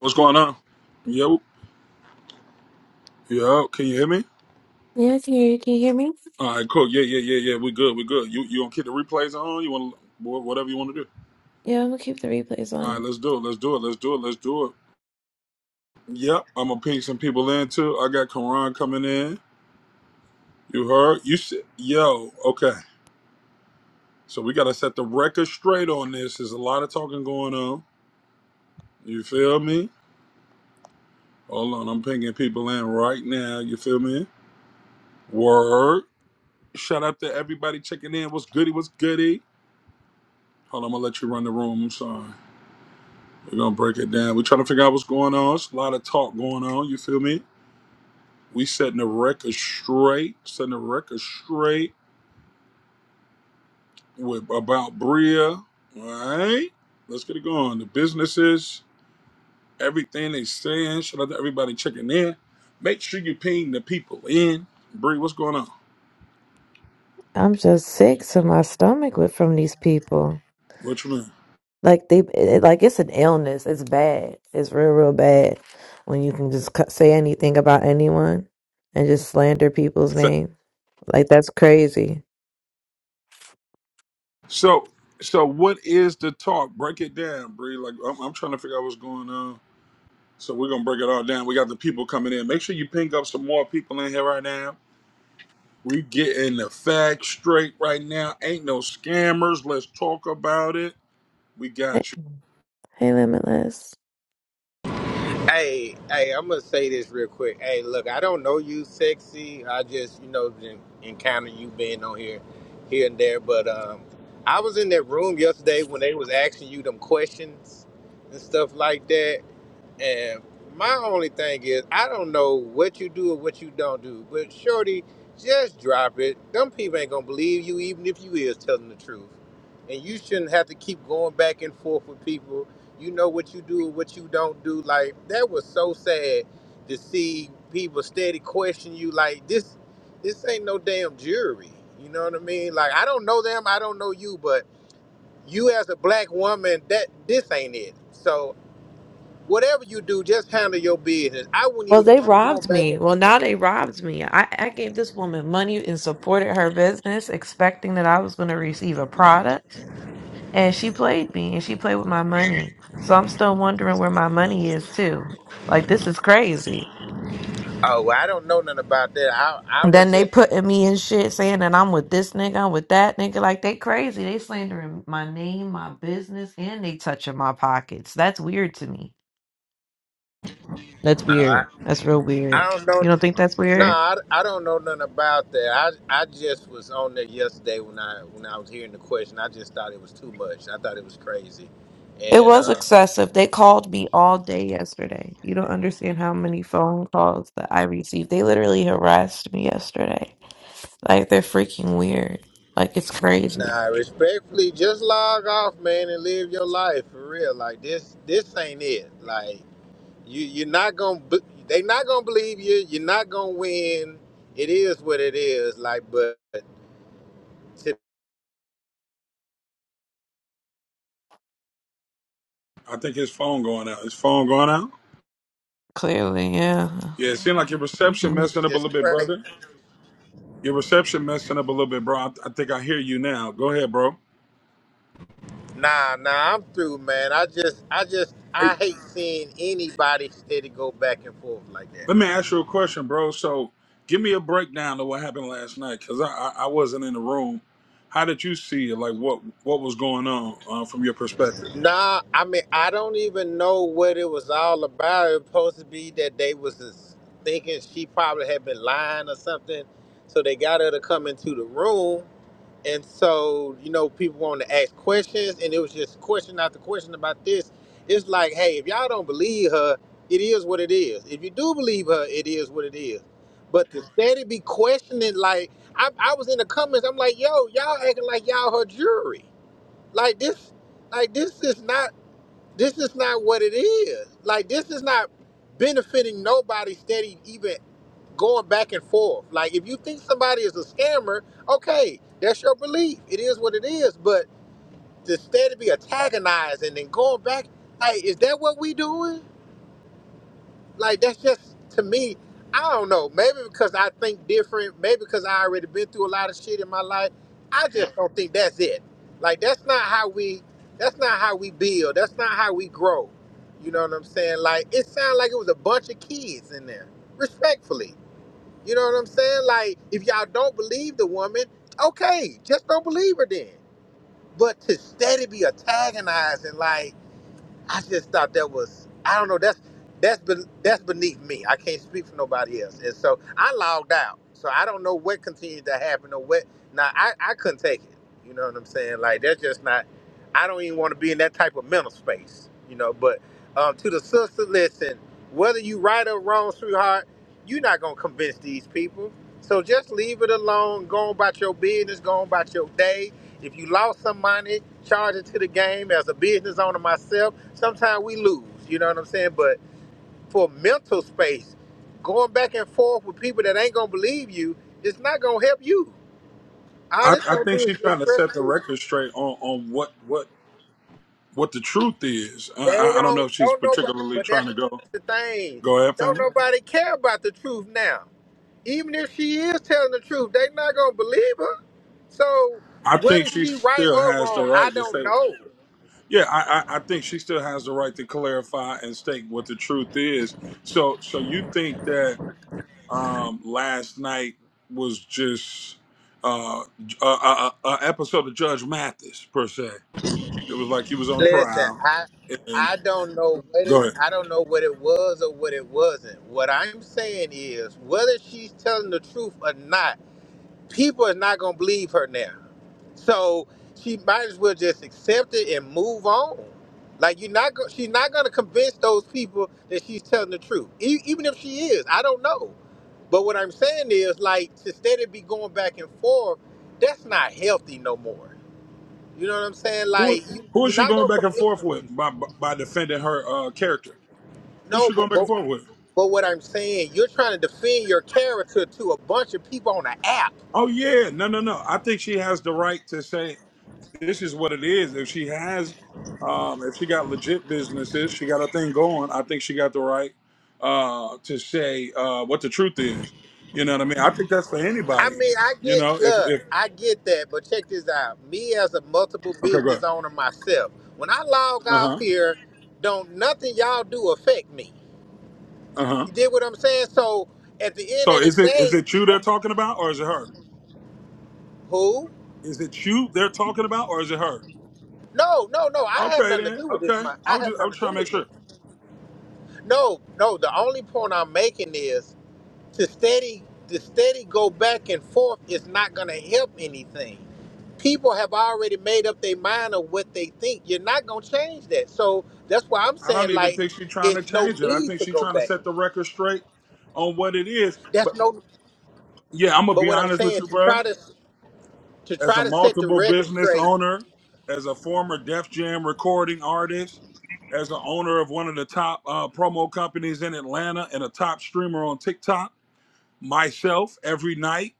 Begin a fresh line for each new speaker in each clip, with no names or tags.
What's going on? Yo, yo, can you hear me?
Yeah, I can hear you. Can you hear me?
All right, cool. Yeah, yeah, yeah, yeah. We good. We good. You you gonna keep the replays on? You want whatever you want to do?
Yeah, I'm gonna keep the replays
All right,
on.
let's do it. Let's do it. Let's do it. Let's do it. Yep, I'm gonna ping some people in too. I got Karan coming in. You heard? You said, yo. Okay. So we gotta set the record straight on this. There's a lot of talking going on. You feel me? Hold on, I'm pinging people in right now. You feel me? Word. Shout out to everybody checking in. What's goody? What's goody? Hold on, I'm gonna let you run the room. I'm sorry. We're gonna break it down. We're trying to figure out what's going on. It's a lot of talk going on. You feel me? We setting the record straight. Setting the record straight with about Bria. All right, let's get it going. The businesses, everything they saying. Shout out to everybody checking in. Make sure you ping the people in. Bree, what's going on?
I'm just sick to my stomach with from these people.
What you mean?
Like they, it, like it's an illness. It's bad. It's real, real bad. When you can just cut- say anything about anyone and just slander people's name, like that's crazy.
So, so what is the talk? Break it down, Bree. Like I'm, I'm trying to figure out what's going on. So we're gonna break it all down. We got the people coming in. Make sure you ping up some more people in here right now. We getting the facts straight right now. Ain't no scammers. Let's talk about it. We
Hey,
got you.
hey, Limitless.
Hey, hey, I'm gonna say this real quick. Hey, look, I don't know you, sexy. I just, you know, en- encounter you being on here, here and there. But um, I was in that room yesterday when they was asking you them questions and stuff like that. And my only thing is, I don't know what you do or what you don't do, but Shorty, just drop it. Them people ain't gonna believe you, even if you is telling the truth. And you shouldn't have to keep going back and forth with people. You know what you do or what you don't do. Like that was so sad to see people steady question you. Like this, this ain't no damn jury. You know what I mean? Like I don't know them, I don't know you, but you as a black woman, that this ain't it. So Whatever you do, just handle your business. I wouldn't
Well,
even
they
keep going
robbed
back
me.
and
Well, now they
forth.
robbed me. I, I gave this woman money and supported her business, expecting that I was going to receive a product. And she played me and she played with my money. So I'm still wondering where my money is too. Like this is crazy.
Oh, well, I don't know nothing about that. I I
And Then
was
they
just
putting me in shit saying that I'm with this nigga, I'm with that nigga. Like they crazy. They slandering my name, my business, and they touching my pockets. That's weird to me. That's
I
weird. That's real
I
weird.
I don't
You
know.
don't think that's
No,
weird?
I, I don't know nothing about that. I I just was on there yesterday when I when I was hearing the question. I just thought it was too much. I thought it was crazy.
It
And
was
uh
excessive. They called me all day yesterday. You don't understand how many phone calls that I received. They literally harassed me yesterday. Like they're freaking weird. Like it's crazy.
nah, respectfully, just log off, man, and live your life for real. Like this this ain't it. Like You you're not gonna b- they not gonna believe you. You're not gonna win. It is what it is. Like, but to
I think his phone going out. His phone going out.
Clearly, yeah.
Yeah, it seemed like your reception
Mhm.
messing up a
just
little bit,
pray.
brother. Your reception messing up a little bit, bro. I, I think I hear you now. Go ahead, bro.
Nah, nah, I'm through, man. I just I just
Hey,
I hate seeing anybody steady go back and forth like that.
let me ask you a question, bro. So, give me a breakdown of what happened last night, cause I I, I wasn't in the room. How did you see it? Like, what what was going on uh, from your perspective?
Nah, I mean I don't even know what it was all about. It was supposed to be that they was just thinking she probably had been lying or something, so they got her to come into the room And so, you know, people wanted to ask questions, and it was just question after question about this. It's like, hey, if y'all don't believe her, it is what it is. If you do believe her, it is what it is. But to steady be questioning, like, I, I was in the comments, I'm like, yo, y'all acting like y'all her jury. Like this, like this is not, this is not what it is. Like this is not benefiting nobody steady even going back and forth. Like if you think somebody is a scammer, okay, that's your belief. It is what it is. But to instead of be antagonized and then going back, like is that what we doing? Like that's just to me. I don't know. Maybe because I think different. Maybe because I already been through a lot of shit in my life. I just don't think that's it. Like that's not how we. That's not how we build. That's not how we grow. You know what I'm saying? Like it sounded like it was a bunch of kids in there. Respectfully. You know what I'm saying? Like, if y'all don't believe the woman, okay, just don't believe her then. But to steady be antagonizing, like, I just thought that was I don't know that's thats has that's beneath me. I can't speak for nobody else, and so I logged out. So I don't know what continued to happen or what. Now I I couldn't take it. You know what I'm saying? Like that's just not. I don't even want to be in that type of mental space. You know, but um, to the sister, listen. Whether you right or wrong, sweetheart, you're not gonna convince these people. So just leave it alone. Go on about your business. Go on about your day if you lost some money, charge it to the game. As a business owner myself, sometimes we lose. You know what I'm saying? But for mental space, going back and forth with people that ain't gonna believe you, it's not gonna help you. All
I,
this
I
gonna
think
do is
she's trying
just
to
stress
set the
you.
record straight on, on what what what the truth is. I,
They
I I don't know
don't
if she's
don't nobody.
particularly
But
trying
that's
to go
the thing.
go ahead,
Don't
family.
nobody care about the truth now. Even if she is telling the truth, they not gonna believe her. So
I think
whether
she
she right
still
or
has the
wrong, I
right to
don't
say,
know.
yeah. I, I I think she still has the right to clarify and state what the truth is. So so you think that um, last night was just uh, a, a, a episode of Judge Mathis per se? It was like he was on
Listen,
trial.
I
And
I don't know what it
go ahead.
I don't know what it was or what it wasn't. What I'm saying is whether she's telling the truth or not, people are not gonna believe her now. So she might as well just accept it and move on. Like you're not go- she's not gonna convince those people that she's telling the truth. E- even if she is, I don't know. But what I'm saying is like instead of be going back and forth, that's not healthy no more. You know what I'm saying?
Who
Like you,
who is
you're
she
not
going
gonna
back and
convince
forth
them
with
people.
by by defending her uh, character? Who's
No,
she going
but,
back and
but
forth with?
but what I'm saying, you're trying to defend your character to a bunch of people on an app.
Oh yeah, no, no, no. I think she has the right to say this is what it is. If she has, um, if she got legit businesses, she got a thing going. I think she got the right uh, to say uh, what the truth is. You know what I mean? I think that's for
I
anybody.
mean, I
You
get
know, if
look,
if
I get that, but check this out. Me as a multiple
okay, go ahead.
business owner myself, when I log
Uh
off
huh.
here, don't nothing y'all do affect me.
Uh huh.
You did what I'm saying? So at the end
So
of the
is it is
day,
it you they're
what
talking about, or is it her?
who?
Is it you they're talking about, or is it her?
No, no, no. I have
Okay
nothing to
then.
do with this.
Okay.
My,
I
I
was
have
just I was
nothing to
trying
do
to make
with this.
sure.
No, no. The only point I'm making is to steady to steady go back and forth is not going to help anything. People have already made up their mind of what they think. You're not going to change that. So that's why I'm
I
saying
don't even
like
think she's trying to
it's no
change it. I
need
think
to
she's
go
trying to
back.
set the record straight on what it is.
That's
But
no.
yeah, I'm gonna
But
be
what I'm
honest with
saying
you,
to
bro.
try to to
As a
try to set the
multiple
record
business
straight
owner, as a former Def Jam recording artist, as an owner of one of the top uh, promo companies in Atlanta and a top streamer on TikTok, myself every night.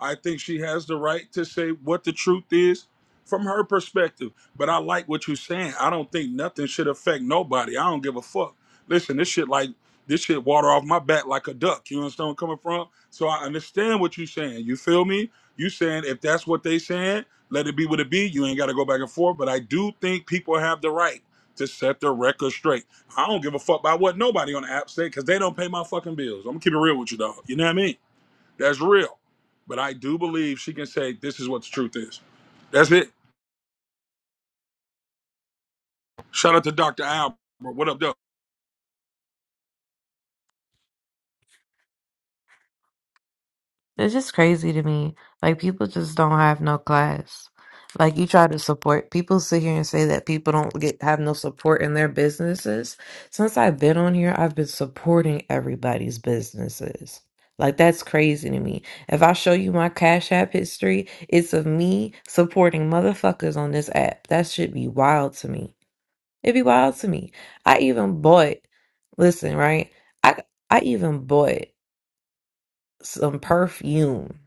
I think she has the right to say what the truth is from her perspective. But I like what you're saying. I don't think nothing should affect nobody. I don't give a fuck. Listen, this shit like this shit water off my back like a duck. You understand where I'm coming from? So I understand what you're saying. You feel me? You saying if that's what they saying, let it be what it be. You ain't got to go back and forth. But I do think people have the right to set their record straight. I don't give a fuck about what nobody on the app say because they don't pay my fucking bills. I'm gonna keep it real with you, dog. You know what I mean? That's real. But I do believe she can say this is what the truth is. That's it. Shout out to Dr. Albert. What up, though?
It's just crazy to me. Like people just don't have no class. Like you try to support people sit here and say that people don't get have no support in their businesses. Since I've been on here, I've been supporting everybody's businesses. Like that's crazy to me. If I show you my Cash App history, it's of me supporting motherfuckers on this app. That should be wild to me. It'd be wild to me. I even bought, listen, right? I I even bought some perfume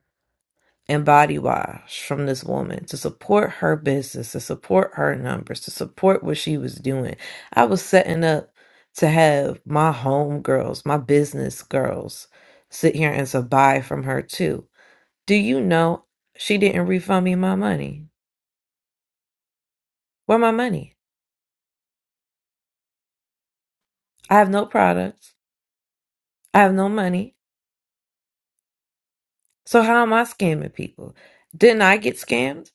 and body wash from this woman to support her business, to support her numbers, to support what she was doing. I was setting up to have my home girls, my business girls sit here and to buy from her too. Do you know she didn't refund me my money? Where my money? I have no products. I have no money. So how am I scamming people? Didn't I get scammed?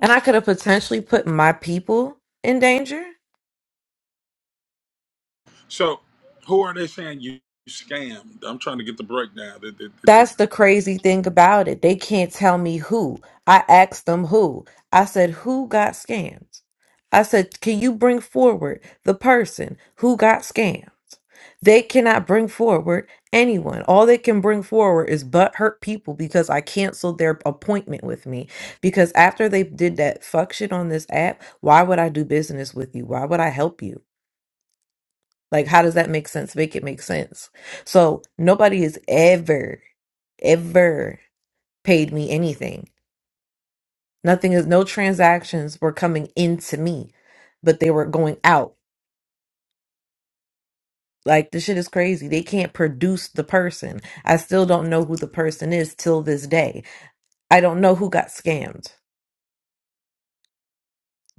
And I could have potentially put my people in danger.
So, who are they saying you scammed? I'm trying to get the breakdown. Did- did- did- did-
That's the crazy thing about it. They can't tell me who. I asked them who. I said, Who got scammed? I said, Can you bring forward the person who got scammed? They cannot bring forward anyone. All they can bring forward is but hurt people because I canceled their appointment with me. Because after they did that fuck shit on this app, why would I do business with you? Why would I help you? Like, how does that make sense? Make it make sense. So nobody is ever, ever paid me anything. Nothing is no transactions were coming into me, but they were going out. Like the shit is crazy. They can't produce the person. I still don't know who the person is till this day. I don't know who got scammed.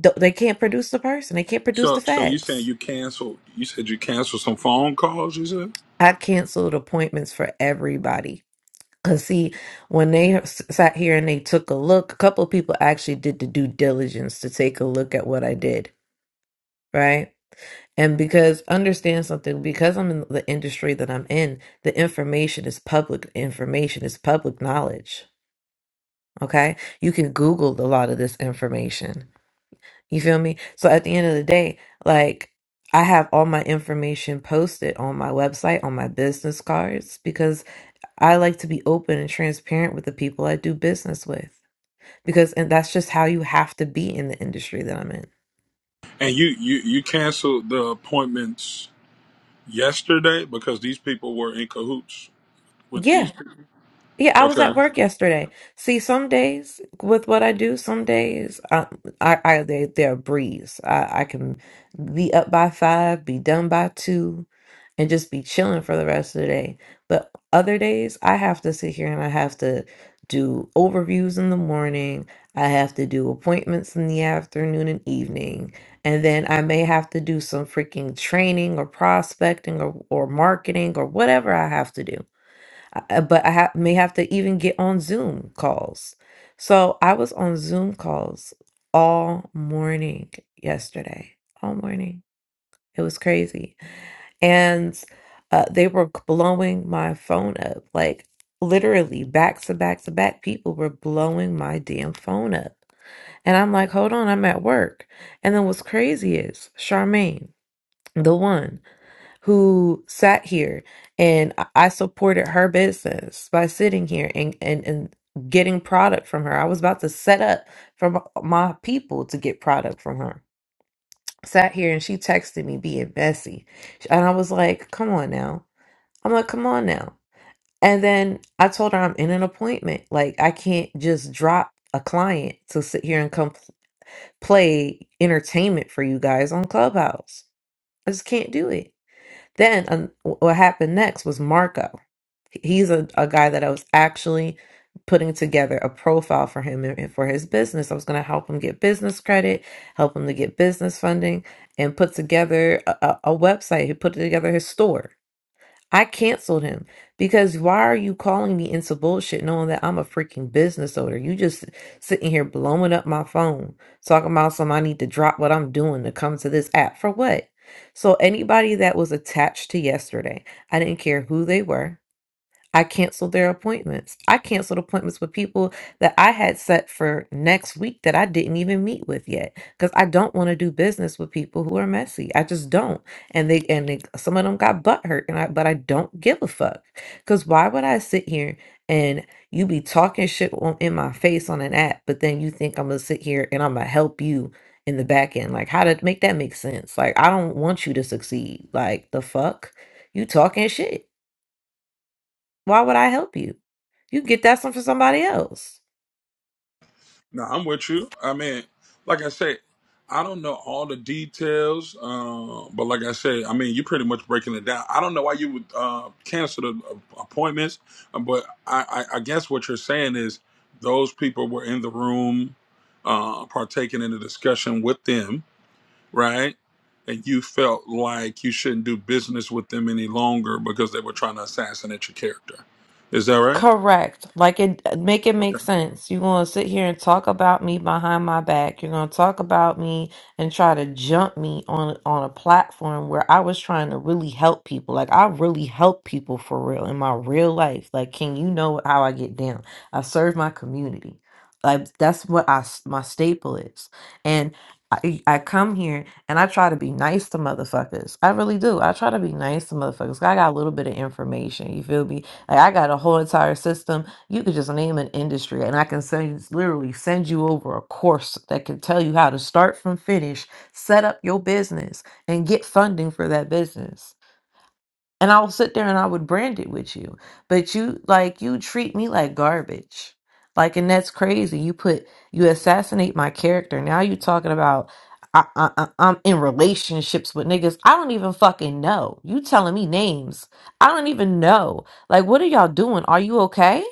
Th- They can't produce the person. They can't produce the
So, so you saying
facts.
you canceled? You said you canceled some phone calls. You said,
I canceled appointments for everybody. Cause see, when they s- sat here and they took a look, a couple of people actually did the due diligence to take a look at what I did. Right And because understand something, because I'm in the industry that I'm in, the information is public information, is public knowledge. Okay. You can Google a lot of this information. You feel me? So at the end of the day, like I have all my information posted on my website, on my business cards, because I like to be open and transparent with the people I do business with. Because and that's just how you have to be in the industry that I'm in.
and you you you canceled the appointments yesterday because these people were in cahoots with
Yeah.
these. People.
Yeah, I was
Okay.
at work yesterday. See, some days with what I do, some days I, I, I they, they're a breeze. I, I can be up by five, be done by two, and just be chilling for the rest of the day. But other days, I have to sit here and I have to do overviews in the morning. I have to do appointments in the afternoon and evening. And then I may have to do some freaking training or prospecting or, or marketing or whatever I have to do. I- uh, but I ha- may have to even get on Zoom calls. So I was on Zoom calls all morning yesterday, all morning. It was crazy. And uh, they were c- blowing my phone up, like literally back to back to back. People were blowing my damn phone up. And I'm like, hold on, I'm at work. And then what's crazy is Charmaine, the one who sat here and I I supported her business by sitting here and, and, and getting product from her. I was about to set up for m- my people to get product from her. Sat here and she texted me being messy. And I was like, come on now. I'm like, come on now. And then I told her I'm in an appointment. Like, I can't just drop a client to sit here and come p- play entertainment for you guys on Clubhouse. I just can't do it. Then um, what happened next was Marco. He's a, a guy that I was actually putting together a profile for him and and for his business. I was going to help him get business credit, help him to get business funding, and put together a, a a website. He put together his store I canceled him because why are you calling me into bullshit knowing that I'm a freaking business owner? You just sitting here blowing up my phone, talking about some I need to drop what I'm doing to come to this app for what? So anybody that was attached to yesterday, I didn't care who they were. I canceled their appointments. I canceled appointments with people that I had set for next week that I didn't even meet with yet because I don't want to do business with people who are messy. I just don't. And they and they, some of them got butt hurt, and I but I don't give a fuck because why would I sit here and you be talking shit on, in my face on an app, but then you think I'm gonna sit here and I'm gonna help you in the back end? Like how to make that make sense? Like I don't want you to succeed. Like the fuck you talking shit. Why would I help you? You can get that some for somebody else.
No, I'm with you. I mean, like I said, I don't know all the details, uh, but like I said, I mean, you're pretty much breaking it down. I don't know why you would uh, cancel the uh, appointments, uh, but I, I, I guess what you're saying is those people were in the room, uh, partaking in the discussion with them, right? And you felt like you shouldn't do business with them any longer because they were trying to assassinate your character. Is that right?
Correct. Like it make it make sense. You're gonna sit here and talk about me behind my back. You're gonna talk about me and try to jump me on on a platform where I was trying to really help people. Like I really help people for real in my real life. Like, can you know how I get down? I serve my community. Like that's what I s- my staple is. And I, I come here and I try to be nice to motherfuckers. I really do. I try to be nice to motherfuckers. I got a little bit of information. You feel me? Like I got a whole entire system. You could just name an industry, and I can send literally send you over a course that can tell you how to start from finish, set up your business, and get funding for that business. And I'll sit there and I would brand it with you. But you like you treat me like garbage. Like and that's crazy. You put you assassinate my character. Now you talking about I, I, I- I'm in relationships with niggas. I don't even fucking know. You telling me names. I don't even know. Like what are y'all doing? Are you okay?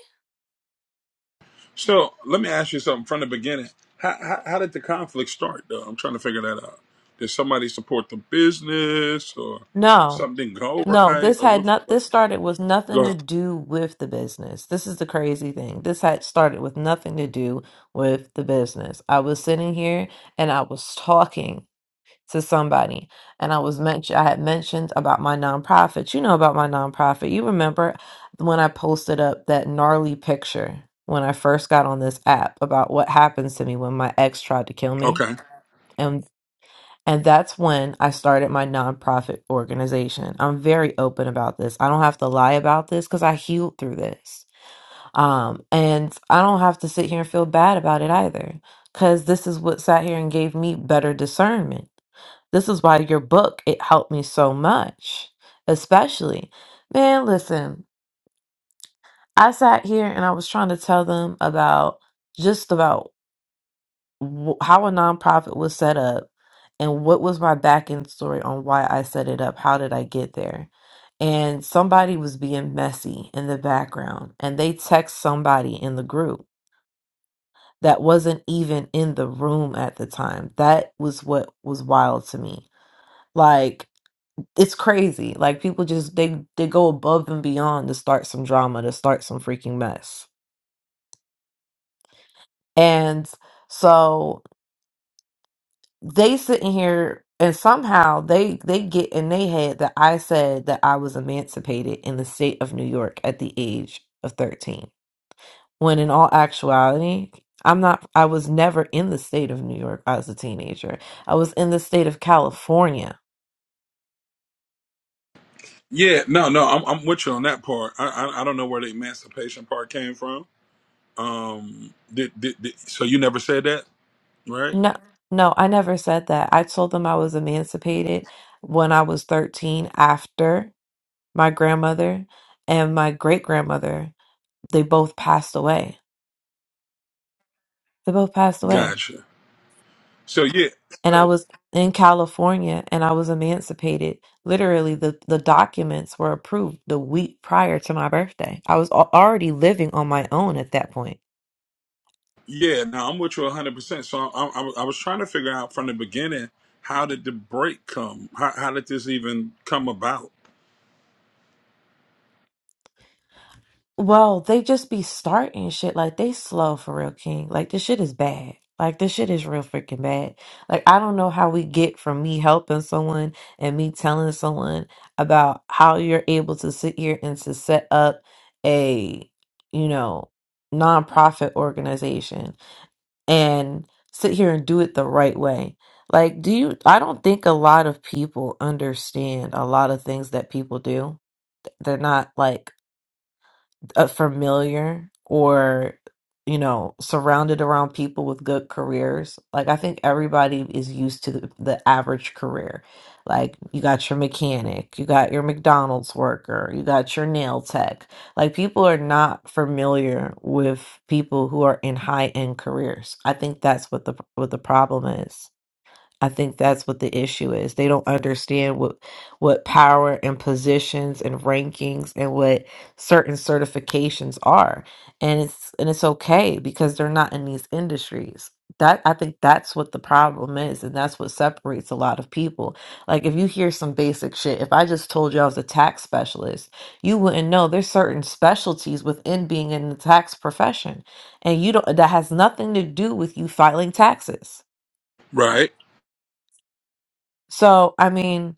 So let me ask you something from the beginning. How, how, how did the conflict start, though? I'm trying to figure that out. Did somebody support the business, or
No.
something didn't go
No,
right,
this
or
had
what?
not
Like,
this started with
go
nothing to
ahead.
do with the business. This is the crazy thing. This had started with nothing to do with the business. I was sitting here and I was talking to somebody and I was mentioned I had mentioned about my nonprofit. You know about my nonprofit. You remember when I posted up that gnarly picture when I first got on this app about what happens to me when my ex tried to kill me?
Okay.
And that's when I started my nonprofit organization. I'm very open about this. I don't have to lie about this because I healed through this. Um, and I don't have to sit here and feel bad about it either because this is what sat here and gave me better discernment. This is why your book, it helped me so much, especially. Man, listen, I sat here and I was trying to tell them about just about wh- how a nonprofit was set up and what was my back end story on why I set it up. How did I get there? And somebody was being messy in the background and they text somebody in the group that wasn't even in the room at the time. That was what was wild to me. Like it's crazy. Like people just they they go above and beyond to start some drama, to start some freaking mess. And so they sitting here and somehow they they get in their head that I said that I was emancipated in the state of New York at the age of 13. When in all actuality, I'm not I was never in the state of New York as a teenager. I was in the state of California.
Yeah. No. No. I'm, I'm with you on that part. I, I I don't know where the emancipation part came from. Um. Did, did did so you never said that, right?
No, no, I never said that. I told them I was emancipated when I was 13 after my grandmother and my great grandmother. They both passed away. They both passed away.
Gotcha. So yeah.
And I
So.
was in California and I was emancipated. Literally, the, the documents were approved the week prior to my birthday. I was al- already living on my own at that point.
Yeah, no, I'm with you 100. percent So I, I, I was trying to figure out from the beginning how did the break come? How, how did this even come about?
Well, they just be starting shit like they slow for real, King. Like this shit is bad. Like this shit is real freaking bad. Like I don't know how we get from me helping someone and me telling someone about how you're able to sit here and to set up a, you know, nonprofit organization and sit here and do it the right way. Like do you I don't think a lot of people understand a lot of things that people do. They're not like uh, familiar or you know surrounded around people with good careers like i think everybody is used to the, the average career like you got your mechanic you got your mcdonald's worker you got your nail tech like people are not familiar with people who are in high end careers i think that's what the what the problem is I think that's what the issue is. They don't understand what what power and positions and rankings and what certain certifications are. And it's and it's okay because they're not in these industries. That I think that's what the problem is and that's what separates a lot of people. Like if you hear some basic shit, if I just told you I was a tax specialist, you wouldn't know there's certain specialties within being in the tax profession and you don't that has nothing to do with you filing taxes.
Right.
So, I mean,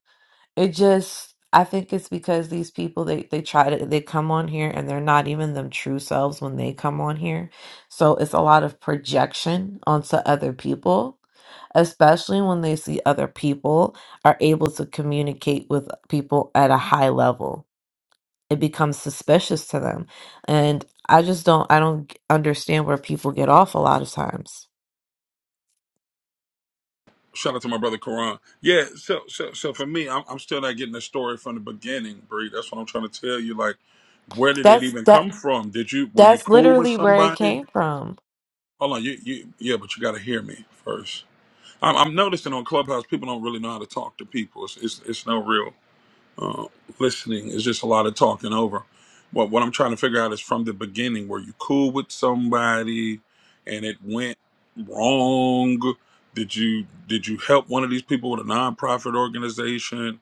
It just, I think it's because these people they they try to they come on here and they're not even them true selves when they come on here. So it's a lot of projection onto other people, especially when they see other people are able to communicate with people at a high level. It becomes suspicious to them. And I just don't I don't understand where people get off a lot of times.
Shout out to my brother Karan. Yeah. So so so for me, I'm, I'm still not getting the story from the beginning, Bree. That's what I'm trying to tell you. Like, where did it
That's
even
that
come from? Did you were you
that's
cool with
literally where it
somebody?
came from.
Hold on. You you yeah, but you got to hear me first. I'm, I'm noticing on Clubhouse, people don't really know how to talk to people. It's it's, it's no real. uh, listening is just a lot of talking over. What what I'm trying to figure out is from the beginning, were you cool with somebody and it went wrong? Did you did you help one of these people with a nonprofit organization?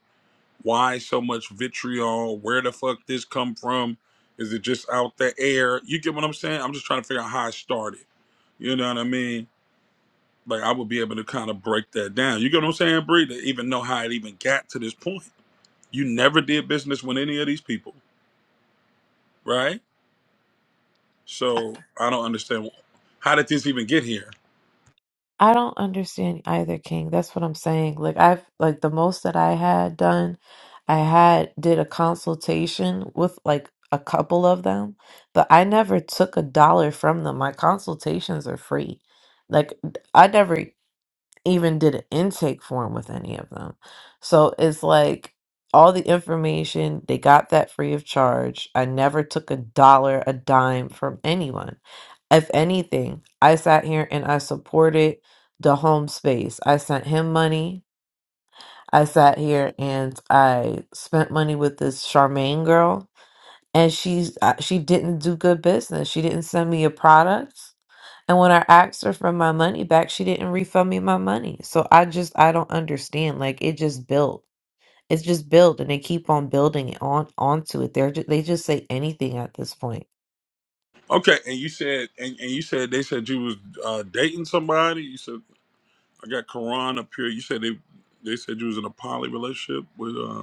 Why so much vitriol? Where the fuck this come from? Is it just out the air? You get what I'm saying? I'm just trying to figure out how I started. You know what I mean? Like I would be able to kind of break that down. You get what I'm saying, Bree? To even know how it even got to this point. You never did business with any of these people, right? So I don't understand how did this even get here.
I don't understand either, King. That's what I'm saying. Like I've like the most that I had done, I had did a consultation with like a couple of them, but I never took a dollar from them. My consultations are free. Like I never even did an intake form with any of them. So it's like all the information, they got that free of charge. I never took a dollar, a dime from anyone. If anything, I sat here and I supported the home space. I sent him money. I sat here and I spent money with this Charmaine girl, and she's uh, she didn't do good business. She didn't send me a product. And when I asked her for my money back, she didn't refund me my money. So I just I don't understand. Like it just built. It's just built, and they keep on building it on onto it. They're just, they just say anything at this point.
Okay, and you said and, and you said they said you was uh, dating somebody. You said I got Quran up here. You said they they said you was in a poly relationship with uh,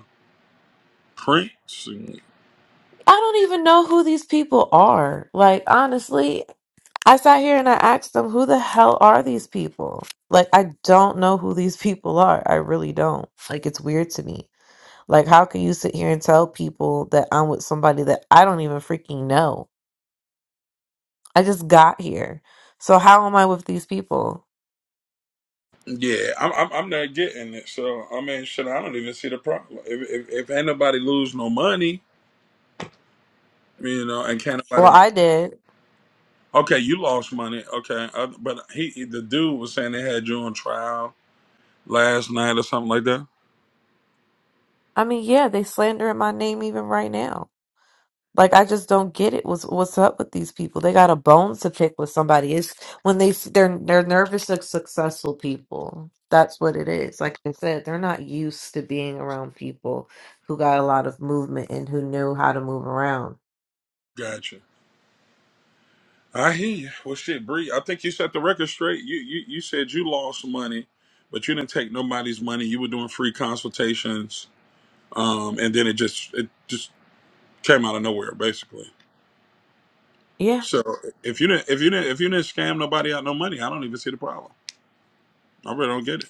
Prince. And,
I don't even know who these people are. Like honestly, I sat here and I asked them, "Who the hell are these people?" Like I don't know who these people are. I really don't. Like it's weird to me. Like how can you sit here and tell people that I'm with somebody that I don't even freaking know? I just got here. So how am I with these people?
yeah, I'm, I'm I'm not getting it. So I mean, shit, I don't even see the problem. If if, if ain't nobody lose no money, you know, and can't
Well,
nobody
I did.
Okay, you lost money. Okay, uh, but he, he- the dude was saying they had you on trial last night or something like that?
I mean, yeah, they slandering my name even right now. Like I just don't get it. What's what's up with these people? They got a bone to pick with somebody. It's when they they're they're nervous of successful people. That's what it is. Like I said, they're not used to being around people who got a lot of movement and who knew how to move around.
Gotcha. I hear you. Well, shit, Bree, I think you set the record straight. You, you you said you lost money, but you didn't take nobody's money. You were doing free consultations, um, and then it just it just came out of nowhere, basically.
Yeah.
So if you didn't if you didn't if you didn't scam nobody out no money, I don't even see the problem. I really don't get it.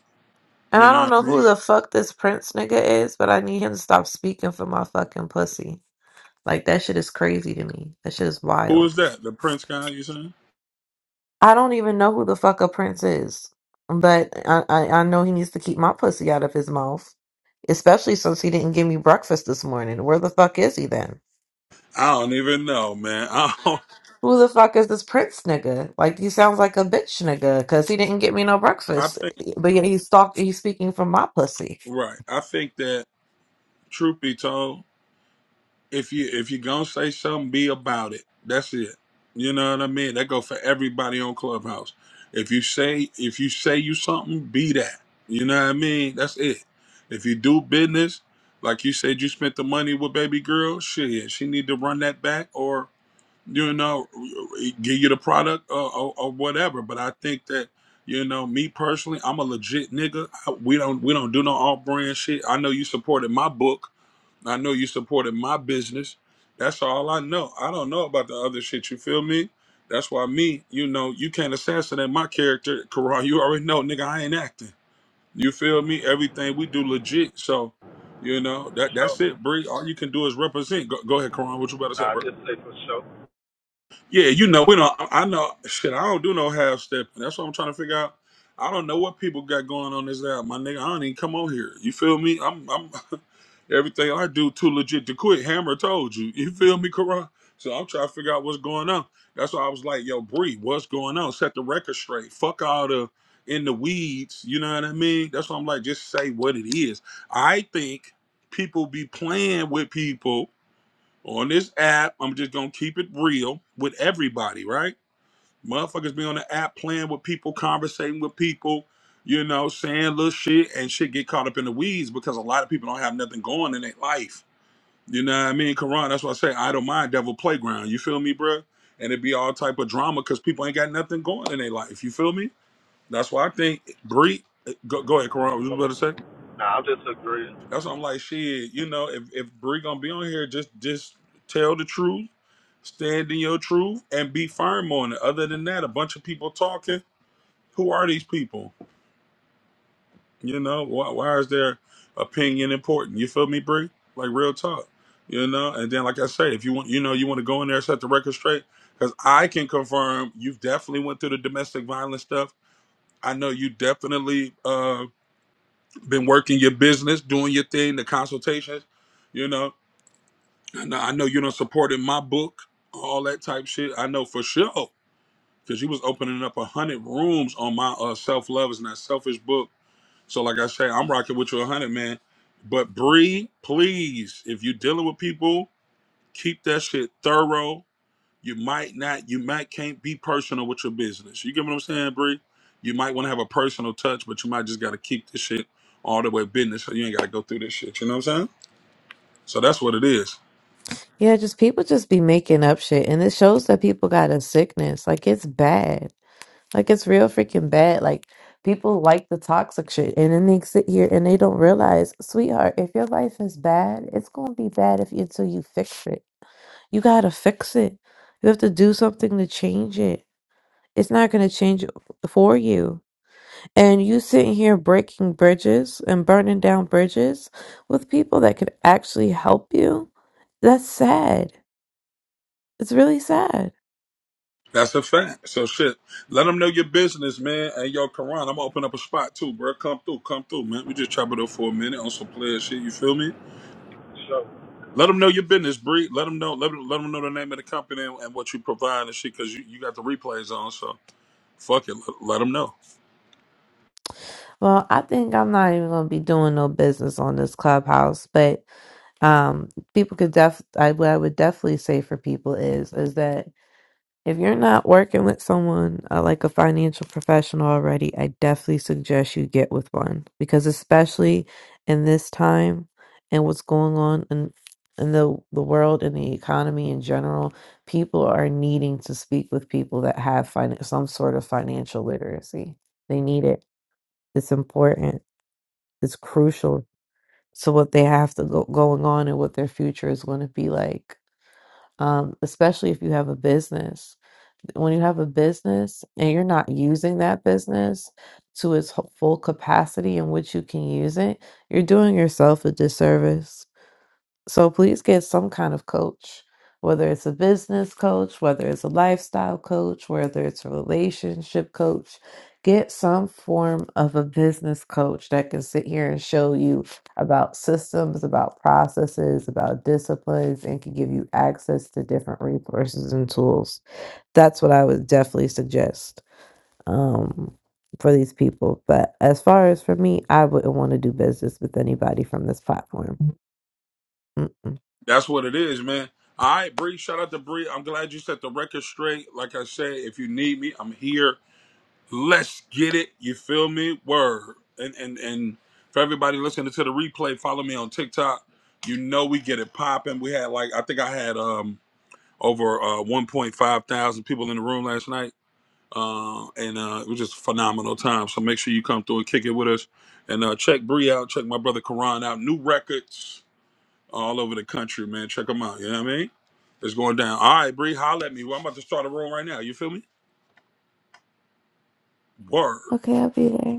And
You
I
know
don't
what
know
I mean?
who the fuck this prince nigga is, but I need him to stop speaking for my fucking pussy. Like that shit is crazy to me. That shit is
Who
wild.
is that? The Prince guy you saying?
I don't even know who the fuck a prince is, but I I, I know he needs to keep my pussy out of his mouth, especially since he didn't give me breakfast this morning. Where the fuck is he then?
I don't even know, man. I don't,
Who the fuck is this Prince nigga? Like he sounds like a bitch nigga because he didn't get me no
I
breakfast,
think
but yet he's talk he's speaking from my pussy.
right. I think that truth be told, if you if you gonna say something, be about it. That's it. You know what I mean? That go for everybody on Clubhouse. If you say if you say you something, be that. You know what I mean? That's it. If you do business, like you said, you spent the money with baby girl. Shit, she need to run that back, you know, give you the product or, or, or whatever. But I think that you know, me personally, I'm a legit nigga. I- We don't we don't do no off brand shit. I know you supported my book. I know you supported my business. That's all I know. I don't know about the other shit. You feel me? That's why me, you know, you can't assassinate my character, Karan. You already know, nigga, I ain't acting. You feel me? Everything we do legit. So, you know, that
Sure.
that's it, Bree. All you can do is represent. Go, go ahead, Karan. What you about to say,
Nah, I
bro?
just say for
Yeah, you know, we don't. I I know. Shit, I don't do no half stepping. That's what I'm trying to figure out. I don't know what people got going on this app, my nigga. I don't even come on here. You feel me? I'm, I'm. Everything I do too legit to quit. Hammer told you. You feel me, Karan? So I'm trying to figure out what's going on. That's why I was like, yo, Bree, what's going on? Set the record straight. Fuck all the in the weeds. You know what I mean? That's why I'm like, just say what it is. I think people be playing with people on this app. I'm just gonna keep it real with everybody, right? Motherfuckers be on the app playing with people, conversating with people, you know, saying little shit and shit get caught up in the weeds because a lot of people don't have nothing going in their life. You know what I mean? Quran, that's why I say I don't mind devil playground. You feel me, bro? And it be all type of drama because people ain't got nothing going in their life. You feel me? That's why I think Bree eh, go, go ahead, Quran, what you
sure.
about to say?
Nah, I'm just agreeing.
That's why I'm like, shit, you know, if, if Bree gonna be on here, just just tell the truth, stand in your truth, and be firm on it. Other than that, a bunch of people talking. Who are these people? You know, why, why is their opinion important? You feel me, Bree? Like real talk. You know, and then like I say, if you want, you know, you want to go in there and set the record straight, because I can confirm you've definitely went through the domestic violence stuff. I know you definitely uh been working your business, doing your thing, the consultations. You know, I know, I know you don't support in my book, all that type shit. I know for sure because you was opening up a hundred rooms on my uh, self love is not selfish book. So like I say, I'm rocking with you a hundred, man. But Bree, please, if you dealing with people, keep that shit thorough. You might not, you might can't be personal with your business. You get what I'm saying, Bree? You might want to have a personal touch, but you might just got to keep this shit all the way business, so you ain't got to go through this shit. You know what I'm saying? So that's what it is.
Yeah, just people just be making up shit, and it shows that people got a sickness. Like it's bad. Like it's real freaking bad. Like people like the toxic shit and then they sit here and they don't realize, sweetheart, if your life is bad, it's gonna be bad if until you fix it. You gotta fix it. You have to do something to change it. It's not gonna change for you. And you sitting here breaking bridges and burning down bridges with people that could actually help you. That's sad. It's really sad.
That's a fact. So shit, let them know your business, man. And yo, Karan, I'm gonna open up a spot too, bro. Come through, come through, man. We just chop it up for a minute on some player shit. You feel me?
For Sure.
Let them know your business, Bree. Let them know. Let them, let 'em know the name of the company and, and what you provide and shit, cause you, you got the replays on. So fuck it, let, let them know.
Well, I think I'm not even gonna be doing no business on this clubhouse, but um people could def I, what I would definitely say for people is is that if you're not working with someone uh, like a financial professional already, I definitely suggest you get with one because especially in this time and what's going on in in the the world and the economy in general, people are needing to speak with people that have fin- some sort of financial literacy. They need it. It's important. It's crucial so what they have to go going on and what their future is going to be like. Um, especially if you have a business. When you have a business and you're not using that business to its ho- full capacity in which you can use it, you're doing yourself a disservice so please get some kind of coach, whether it's a business coach, whether it's a lifestyle coach, whether it's a relationship coach. Get some form of a business coach that can sit here and show you about systems, about processes, about disciplines, and can give you access to different resources and tools. That's what I would definitely suggest um, for these people. But as far as for me, I wouldn't want to do business with anybody from this platform. Mm-mm.
That's what it is, man. All right, Bree. Shout out to Bree. I'm glad you set the record straight. Like I said, if you need me, I'm here. Let's get it. You feel me? Word. And and and for everybody listening to the replay, follow me on TikTok. You know we get it popping. We had like I think I had um over uh 1.5 thousand people in the room last night. Uh, and uh, it was just a phenomenal time. So make sure you come through and kick it with us. And uh, check Bree out. Check my brother Karan out. New records all over the country, man. Check them out. You know what I mean? It's going down. All right, Bree, holla at me. Well, I'm about to start a room right now. You feel me? Word.
Okay, I'll be there.